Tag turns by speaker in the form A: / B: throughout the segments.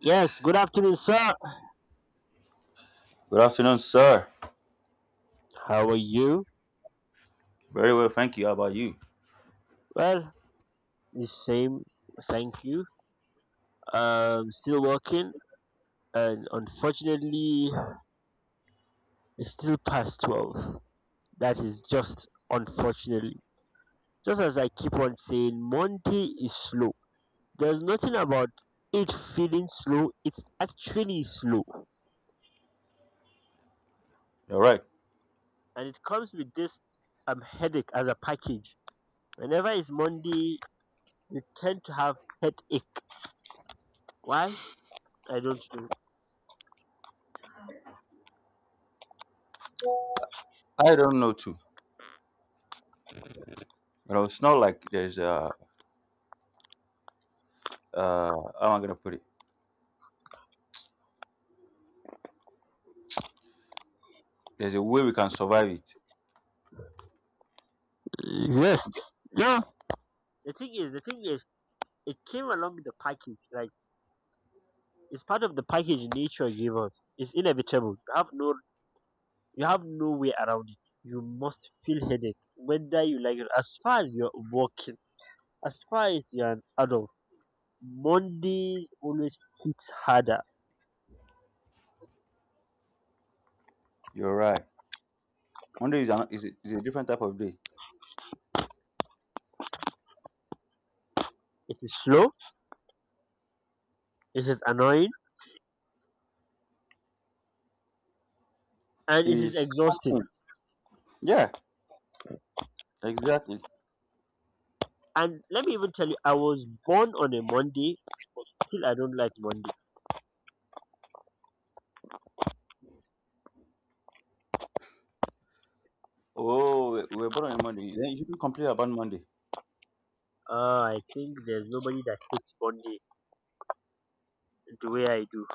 A: Yes, good afternoon, sir.
B: Good afternoon, sir.
A: How are you?
B: Very well, thank you. How about you?
A: Well, the same, thank you. Still working, and unfortunately, it's still past 12. That is just unfortunately. Just as I keep on saying, Monday is slow. There's nothing about it feeling slow, it's actually slow.
B: All right.
A: And it comes with this headache as a package. Whenever it's Monday, you tend to have headache. Why? I don't know.
B: I don't know too. You know, it's not like there's a how am I gonna put it? There's a way we can survive it.
A: Yes,
B: You get-
A: yeah. The thing is, it came along with the package. Like it's part of the package nature gave us. It's inevitable. You have no way around it. You must feel headache, whether you like it. As far as you're working, as far as you're an adult, Mondays always hits harder.
B: You're right. Monday is a different type of day.
A: It is slow. It is annoying, and it is
B: It's
A: exhausting.
B: asking. Yeah, exactly.
A: And let me even tell you, I was born on a Monday. Still, I don't like Monday.
B: Oh, we're born on a Monday. Then you shouldn't complain about Monday.
A: I think there's nobody that hates Monday the way I do.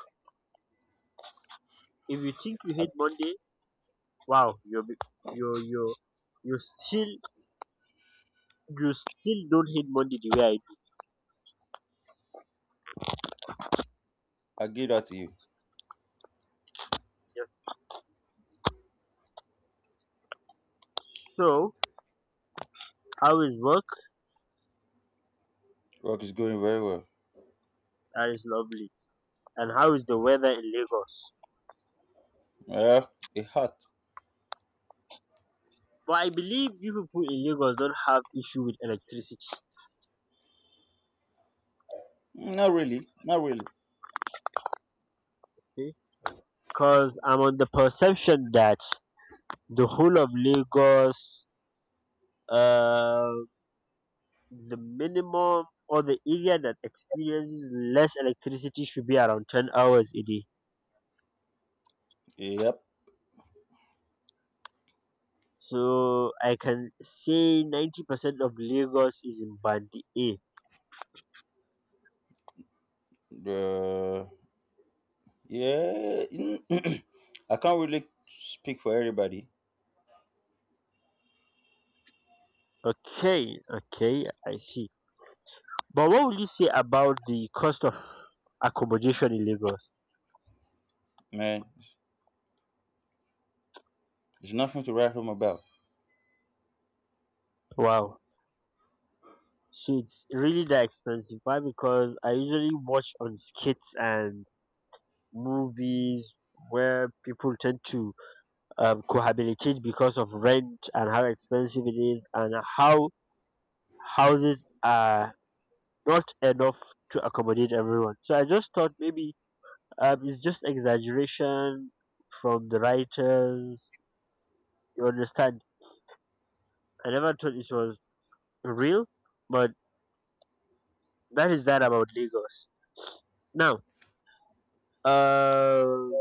A: If you think you
B: I,
A: hate Monday, wow, you're you still you still don't hate Monday the way I do.
B: I give that to you.
A: Yeah. So how is work?
B: Work is going very well.
A: That is lovely. And how is the weather in Lagos?
B: Yeah, it hurt.
A: But I believe you people in Lagos don't have issue with electricity,
B: Not really. Not really.
A: okay? Because I'm on the perception that the whole of Lagos, uh, the minimum or the area that experiences less electricity should be around 10 hours a day.
B: Yep.
A: So I can say 90% of Lagos is in Band A.
B: Yeah, I can't really speak for everybody,
A: Okay, okay, I see. But what will you say about the cost of accommodation in Lagos?
B: man. There's nothing to write home about.
A: Wow. So it's really that expensive. Why? Because I usually watch on skits and movies where people tend to cohabitate because of rent and how expensive it is and how houses are not enough to accommodate everyone. So I just thought maybe it's just exaggeration from the writers. You understand? I never thought it was real, but that is that about Lagos. Now, um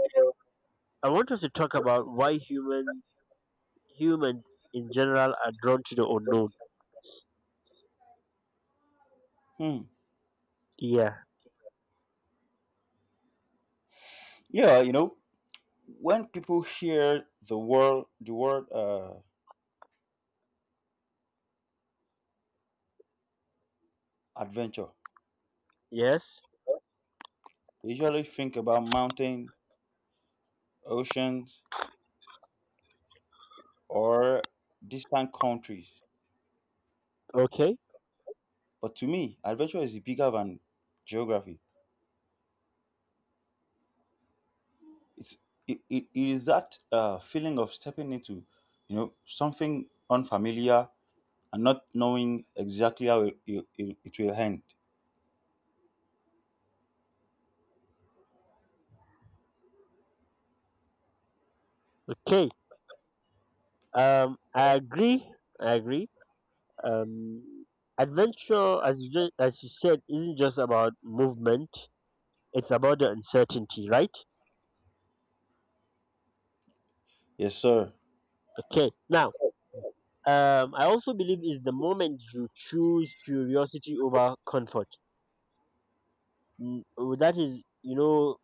A: I want us to talk about why humans in general are drawn to the unknown.
B: Hmm.
A: Yeah.
B: Yeah, you know, when people hear the word adventure,
A: Yes.
B: they usually think about mountains, oceans, or distant countries.
A: Okay.
B: But to me, adventure is bigger than geography. It's it is that feeling of stepping into, you know, something unfamiliar and not knowing exactly how it will end.
A: Okay. I agree. I agree. Um, adventure, as you said, isn't just about movement. It's about the uncertainty, right?
B: Yes, sir.
A: Okay. Now, I also believe is the moment you choose curiosity over comfort. Mm, oh, that is, you know,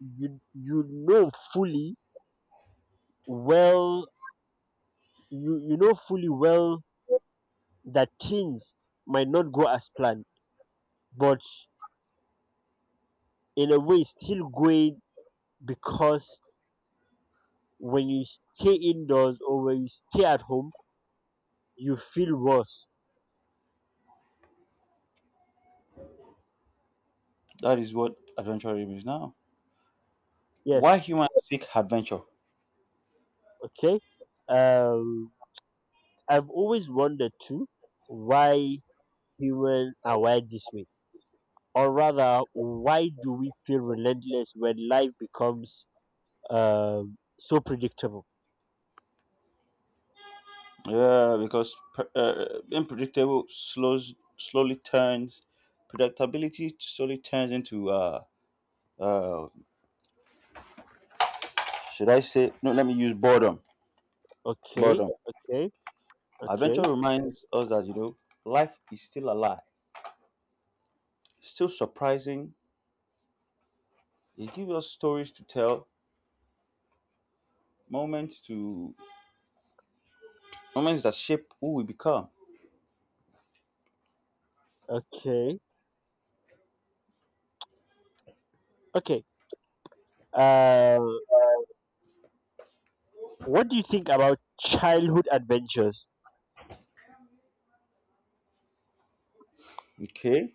A: you know fully well, you know fully well that things might not go as planned, but in a way still going because when you stay indoors or when you stay at home, you feel worse.
B: That is what adventure is now.
A: Yes,
B: Why humans seek adventure?
A: okay. Um, I've always wondered too why humans are wired this way. Or rather, why do we feel relentless when life becomes so predictable?
B: Yeah, because unpredictable slows slowly turns predictability slowly turns into uh should I say no? Let me use boredom.
A: Okay,
B: Boredom.
A: okay,
B: Adventure
A: okay,
B: reminds us that, you know, life is still alive, still surprising. It gives us stories to tell, moments to moments that shape who we become.
A: okay, okay. Uh, what do you think about childhood adventures?
B: Okay.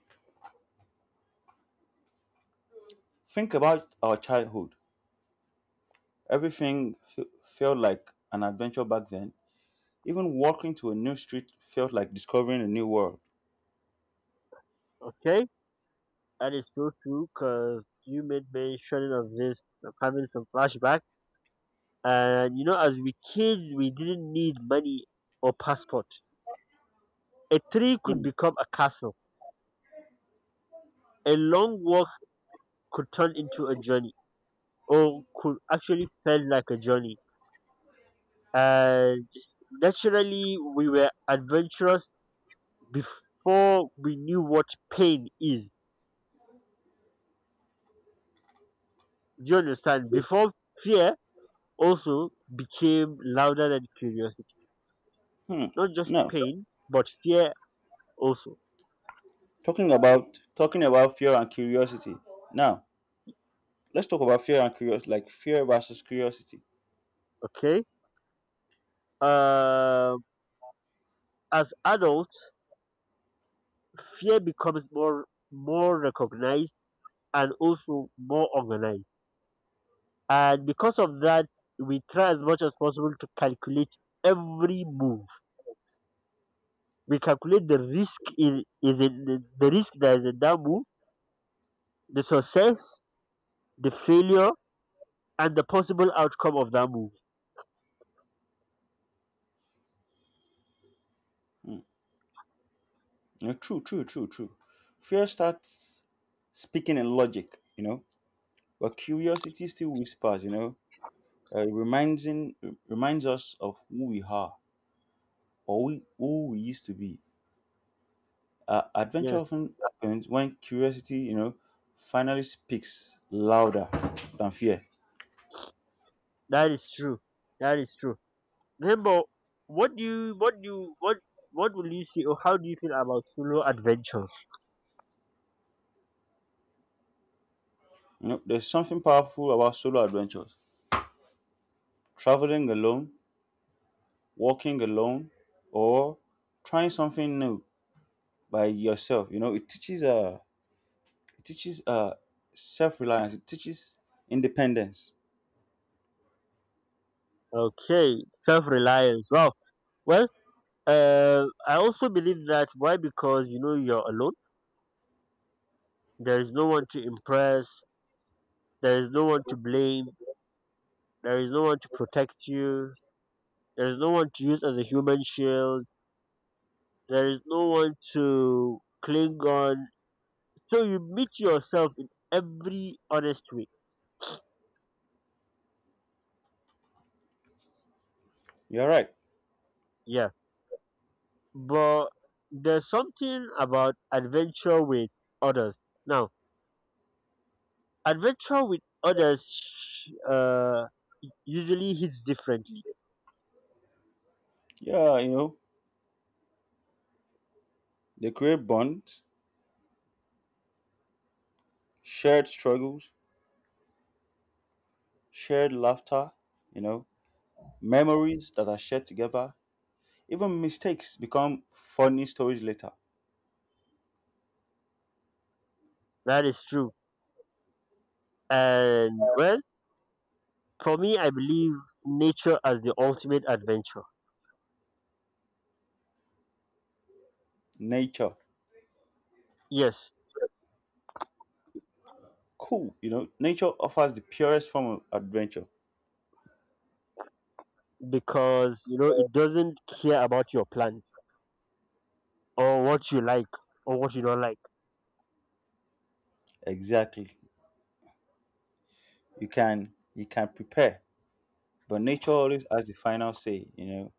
B: Think about our childhood. Everything felt like an adventure back then. Even walking to a new street felt like discovering a new world.
A: Okay, that is so true because you made mention of this. I'm having some flashback, and you know, as we kids, we didn't need money or passport. A tree could
B: Hmm.
A: become a castle. A long walk could turn into a journey or could actually felt like a journey. And naturally, we were adventurous before we knew what pain is. Do you understand? Before fear also became louder than curiosity.
B: Hmm.
A: Not just
B: Now,
A: pain, but fear also.
B: talking about fear and curiosity. Now, let's talk about fear and curiosity, like fear versus curiosity.
A: Okay? Um, as adults, fear becomes more more recognized and also more organized, and because of that we try as much as possible to calculate every move. We calculate the risk in is in the risk that is in that move, the success, the failure, and the possible outcome of that move.
B: Hmm. No, true. Fear starts speaking in logic, you know, but curiosity still whispers, you know, uh, reminds in, reminds us of who we are, or who we used to be. Adventure
A: Yes,
B: often happens when curiosity, you know, finally speaks louder than fear.
A: that is true, that is true. Remember, what do you what do you what what will you see or how do you feel about solo adventures?
B: You know, there's something powerful about solo adventures. Traveling alone, walking alone, or trying something new by yourself. You know, it teaches it teaches uh, self-reliance. It teaches independence.
A: Okay, self-reliance, wow. Well, I also believe that. Why? Because you know you're alone, there is no one to impress. There is no one to blame. There is no one to protect you. There is no one to use as a human shield. There is no one to cling on. So you meet yourself in every honest way.
B: You're right.
A: Yeah. But there's something about adventure with others. Now, adventure with others uh, usually hits differently.
B: Yeah, you know, they create bonds, shared struggles, shared laughter. You know, memories that are shared together. Even mistakes become funny stories later.
A: That is true. And well, for me, I believe nature as the ultimate adventure.
B: Nature,
A: Yes,
B: cool. You know, nature offers the purest form of adventure.
A: because you know it doesn't care about your plan or what you like or what you don't like.
B: Exactly. You can prepare, but nature always has the final say. You know,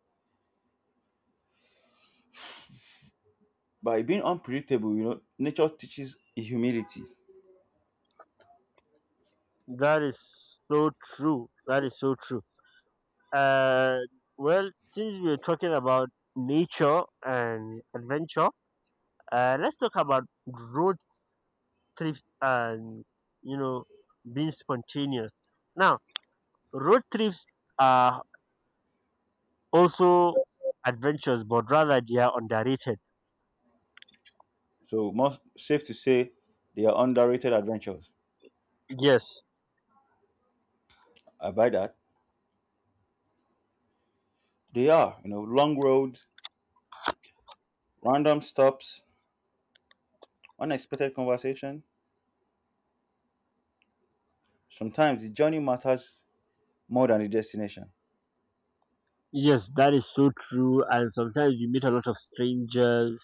B: by being unpredictable, you know, nature teaches humility.
A: That is so true. That is so true. Uh, well, since we are talking about nature and adventure, let's talk about road trips and you know being spontaneous. Now, road trips are also adventures, but rather they are underrated.
B: So most safe to say, they are underrated adventures.
A: Yes.
B: I buy that. They are. You know, long roads, random stops, unexpected conversation. Sometimes the journey matters more than the destination.
A: Yes, that is so true. And sometimes you meet a lot of strangers.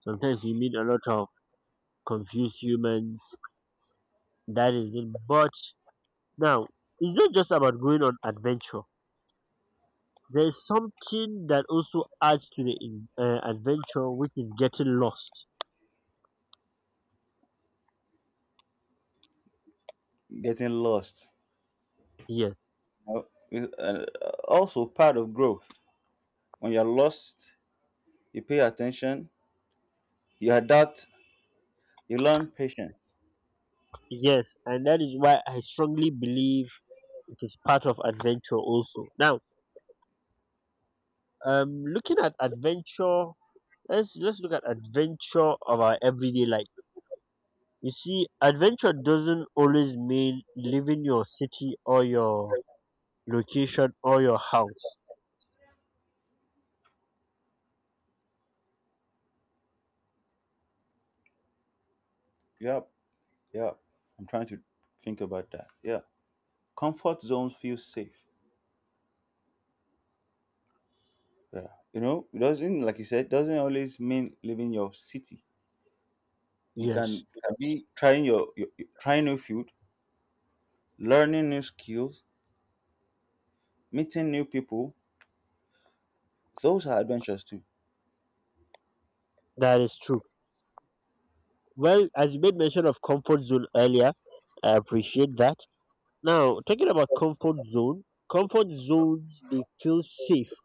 A: Sometimes you meet a lot of confused humans. That is it. But now, it's not just about going on adventure. There is something that also adds to the adventure, which is getting lost.
B: Getting lost.
A: Yes,
B: Now, also part of growth. When you're lost, you pay attention, you adapt, you learn patience.
A: yes, and that is why I strongly believe it is part of adventure also. Now, looking at adventure, let's look at adventure of our everyday life. You see, adventure doesn't always mean leaving your city or your location or your house.
B: Yep, yep. I'm trying to think about that. Yeah. Comfort zones feel safe. Yeah. You know, it doesn't, like you said, doesn't always mean leaving your city.
A: Yes,
B: It can be trying trying new food, learning new skills, meeting new people. Those are adventures too.
A: that is true. Well, as you made mention of comfort zone earlier, I appreciate that. Now, talking about comfort zone, comfort zones, they feel safe,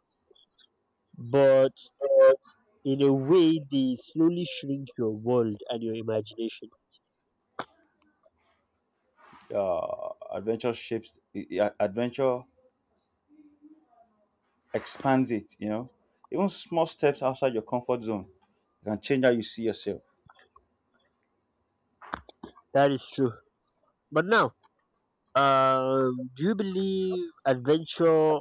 A: but in a way, they slowly shrink your world and your imagination.
B: Adventure shapes. Adventure expands it, you know. Even small steps outside your comfort zone can change how you see yourself.
A: That is true. But now, do you believe adventure,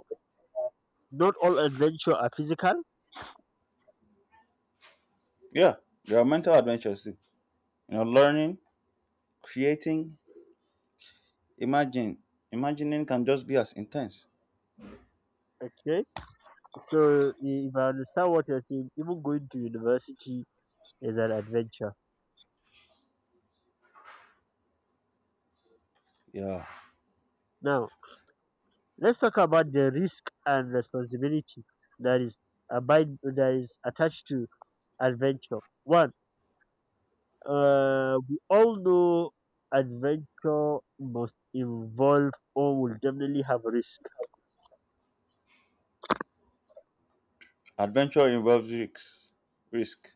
A: not all adventure are physical?
B: Yeah, there are mental adventures too. You know, learning, creating, imagine. Imagining can just be as intense.
A: Okay. So if I understand what you're saying, even going to university is an adventure.
B: Yeah.
A: Now, let's talk about the risk and responsibility that is abide that is attached to adventure. One, we all know adventure must involve or will definitely have risk.
B: Adventure involves risks. Risk.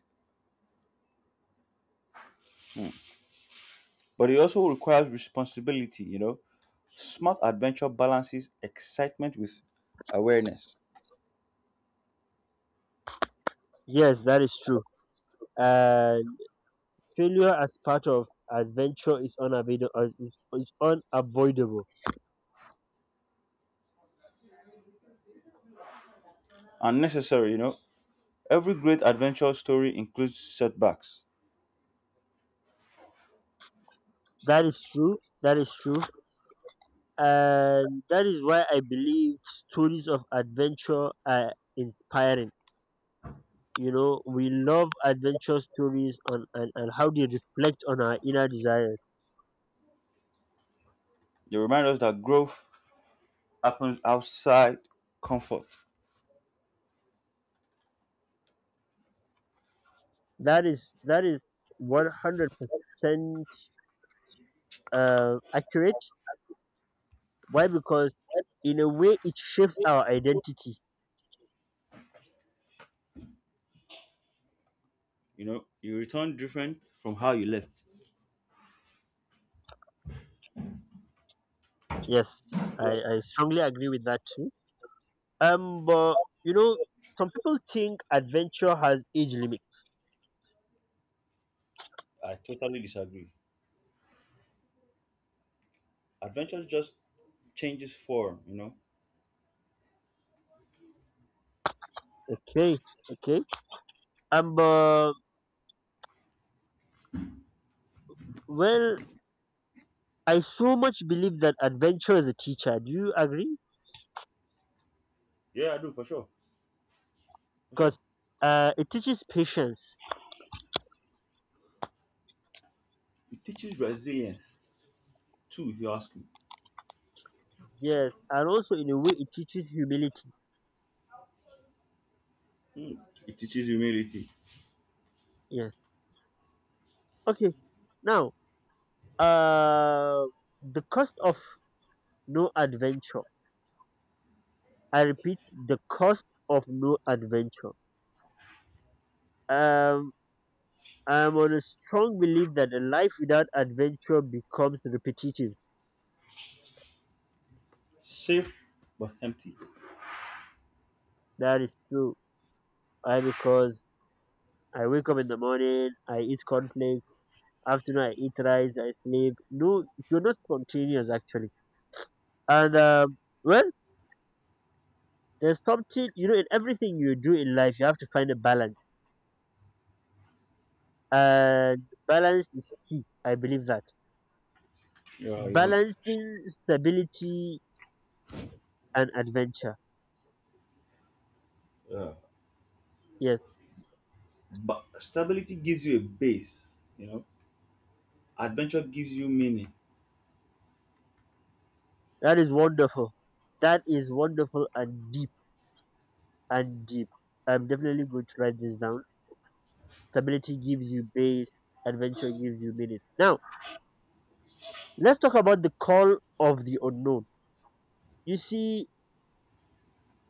B: But it also requires responsibility, you know. Smart adventure balances excitement with awareness.
A: Yes, that is true. And failure as part of adventure is unavoidable. Is unavoidable.
B: Unnecessary, you know. Every great adventure story includes setbacks.
A: That is true. That is true, and that is why I believe stories of adventure are inspiring. You know we love adventure stories on and how they reflect on our inner desires.
B: They remind us that growth happens outside comfort.
A: That is, that is 100% accurate. Why? Because in a way it shapes our identity.
B: You know, you return different from how you left.
A: Yes, I strongly agree with that too. But you know some people think adventure has age limits.
B: I totally disagree. Adventure just changes form, you know.
A: Okay, okay. But well, I so much believe that adventure is a teacher. Do you agree?
B: Yeah, I do for sure. For sure.
A: Because it teaches patience.
B: It teaches resilience too, if you ask me.
A: Yes, and also in a way it teaches humility.
B: Hmm. It teaches humility.
A: Yes. Okay. Now, uh, the cost of no adventure. I repeat, the cost of no adventure. Um, I'm on a strong belief that a life without adventure becomes repetitive.
B: Safe but empty.
A: That is true. I, because I wake up in the morning, I eat cornflakes, afternoon I eat rice, I sleep. No, you're not spontaneous actually. And well, there's something you know in everything you do in life, you have to find a balance, and balance is key. I believe that
B: Yeah, you know.
A: balancing stability and adventure.
B: Yeah.
A: Yes,
B: But stability gives you a base, you know. Adventure gives you meaning.
A: that is wonderful. That is wonderful and deep and deep. I'm definitely going to write this down. Stability gives you base, adventure gives you meaning. Now, let's talk about the call of the unknown. You see,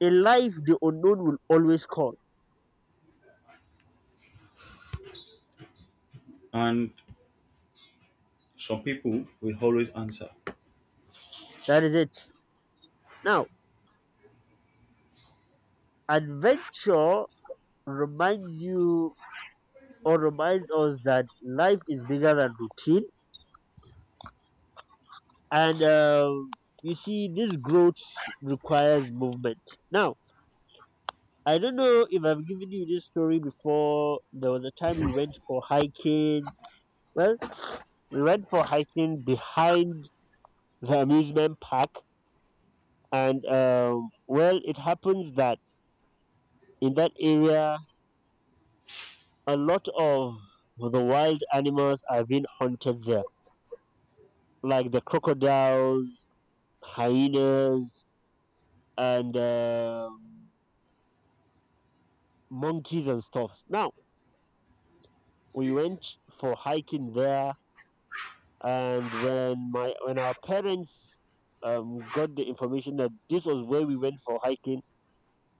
A: in life, the unknown will always call.
B: And some people will always answer.
A: That is it. Now, adventure reminds you or reminds us that life is bigger than routine. And you see, this growth requires movement. Now, I don't know if I've given you this story before. There was a time we went for hiking. Well, we went for hiking behind the amusement park. And well, it happens that in that area, a lot of the wild animals are being hunted there, like the crocodiles, hyenas, and monkeys and stuff. Now we went for hiking there, and when our parents got the information that this was where we went for hiking,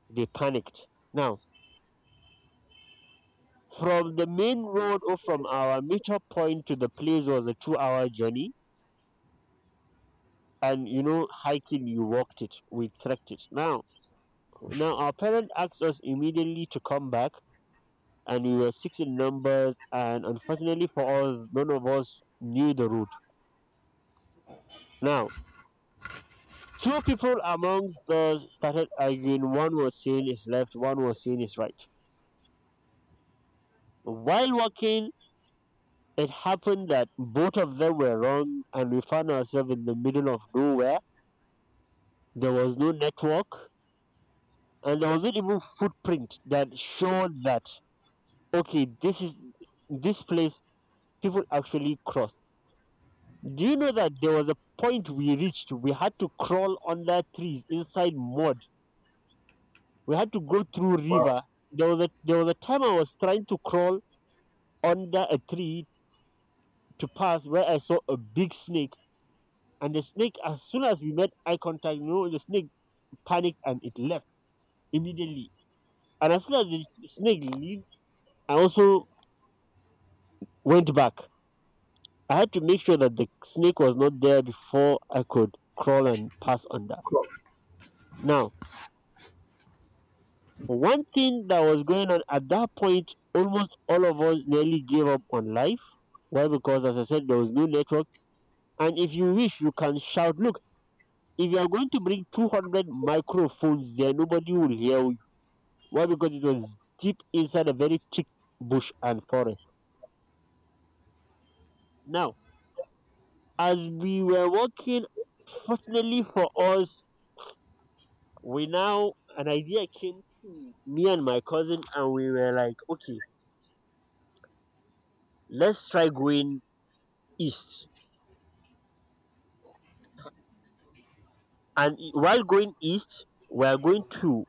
A: they panicked. Now from the main road or from our meetup point to the place was a two-hour journey, and you know hiking, you walked it, we trekked it. Now, our parent asked us immediately to come back, and we were six in numbers. And unfortunately for us, none of us knew the route. Now, two people amongst us started arguing. One was saying is left, one was saying is right. While walking, it happened that both of them were wrong, and we found ourselves in the middle of nowhere. There was no network, and there wasn't even footprint that showed that okay, this is this place people actually cross. Do you know that there was a point we reached? We had to crawl under trees inside mud. We had to go through
B: Wow.
A: river. There was a time I was trying to crawl under a tree to pass where I saw a big snake. And the snake, as soon as we made eye contact, you know, the snake panicked and it left immediately. And as soon as the snake leave, I also went back. I had to make sure that the snake was not there before I could crawl and pass under. Now, one thing that was going on at that point, almost all of us nearly gave up on life. Why? Because, as I said, there was no network. And if you wish, you can shout. Look, if you are going to bring 200 microphones there, nobody will hear you. Why? Because it was deep inside a very thick bush and forest. Now, as we were walking, fortunately for us, an idea came to me and my cousin, and we were like, okay, let's try going east. While going east, we are going to,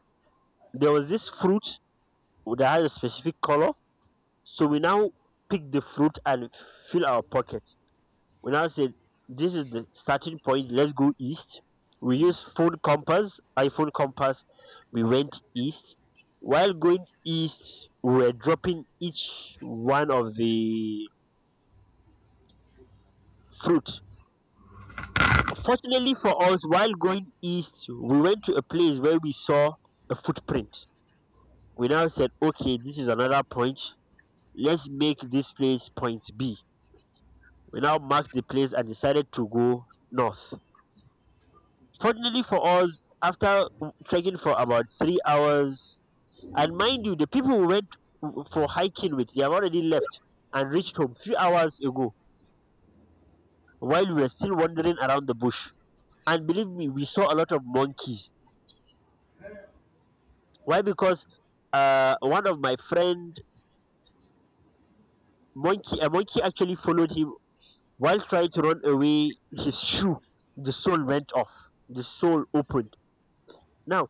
A: there was this fruit that has a specific color. So we now pick the fruit and fill our pockets. We now say this is the starting point. Let's go east. We use phone compass, iPhone compass. We went east. While going east, we were dropping each one of the fruit. Fortunately for us, while going east, we went to a place where we saw a footprint. We now said, okay, this is another point. Let's make this place point B. We now marked the place and decided to go north. Fortunately for us, after trekking for about 3 hours, and mind you, the people we went for hiking with, they have already left and reached home few hours ago, while we were still wandering around the bush. And believe me, we saw a lot of monkeys. Why? Because one of my friend, monkey a monkey actually followed him. While trying to run away, his shoe, the sole went off. The sole opened. Now,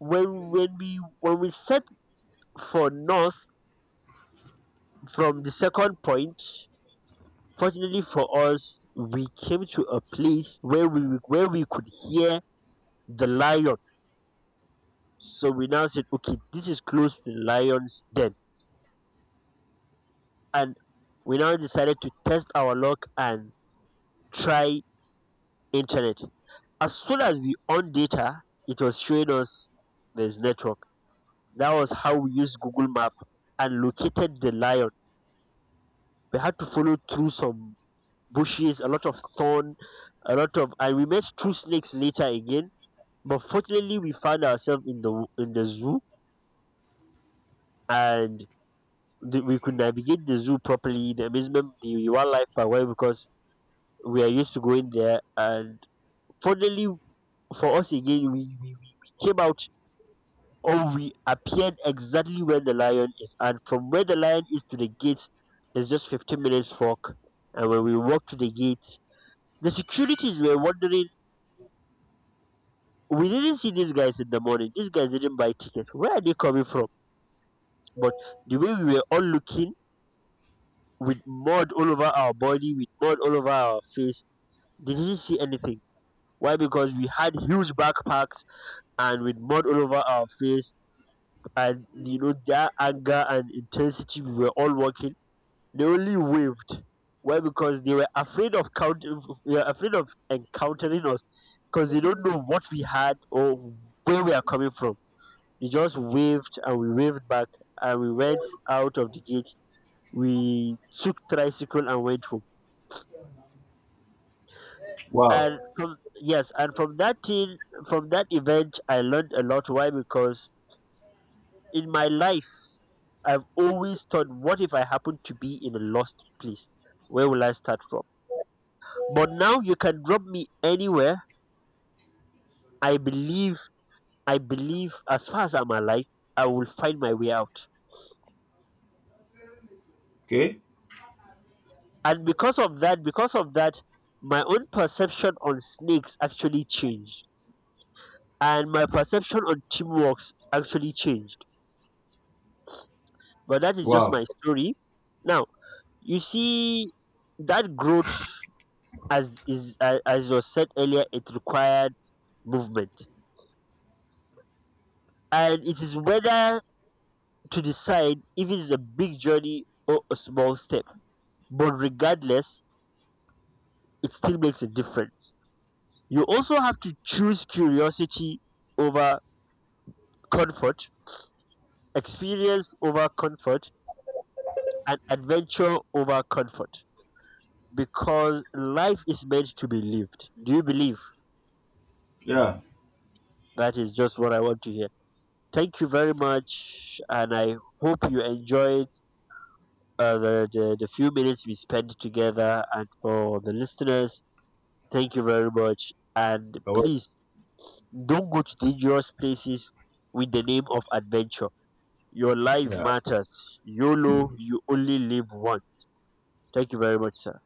A: when we set for north from the second point, fortunately for us, we came to a place where we could hear the lion. So we now said, okay, this is close to the lion's den, and we now decided to test our luck and try internet. As soon as we on data, it was showing us there's network. That was how we used Google Map and located the lion. We had to follow through some bushes, a lot of thorn, a lot of, and we met two snakes later again. But fortunately, we found ourselves in the zoo, and we could navigate the zoo properly. The amusement, the wildlife park. Why? Because we are used to going there. And fortunately for us again, we came out. Or we appeared exactly where the lion is, and from where the lion is to the gate is just 15 minutes walk. And when we walked to the gate, the securities were wondering. We didn't see these guys in the morning. These guys didn't buy tickets. Where are they coming from? But the way we were all looking, with mud all over our body, with mud all over our face, they didn't see anything. Why? Because we had huge backpacks, and with mud all over our face, and you know, their anger and intensity, we were all walking. They only waved. Why? Because they were afraid of count. They were afraid of encountering us because they don't know what we had or where we are coming from. They just waved and we waved back, and we went out of the gate. We took tricycle and went home. And
B: Wow.
A: from, yes, and from that thing, from that event, I learned a lot. Why? Because in my life, I've always thought, what if I happen to be in a lost place? Where will I start from? But now you can drop me anywhere. I believe I believe as far as I'm alive, I will find my way out.
B: Okay.
A: And because of that, my own perception on snakes actually changed. And my perception on teamwork actually changed. But that is just
B: Wow.
A: my story. Now, you see, that growth, as was said earlier, it required movement. And it is whether to decide if it's a big journey or a small step. But regardless, it still makes a difference. You also have to choose curiosity over comfort, experience over comfort, and adventure over comfort, because life is meant to be lived. Do you believe?
B: Yeah.
A: That is just what I want to hear. Thank you very much, and I hope you enjoyed the few minutes we spent together. And for the listeners, thank you very much. And
B: But what,
A: please don't go to dangerous places with the name of adventure. Your life
B: yeah.
A: matters. YOLO, you only live once. Thank you very much, sir.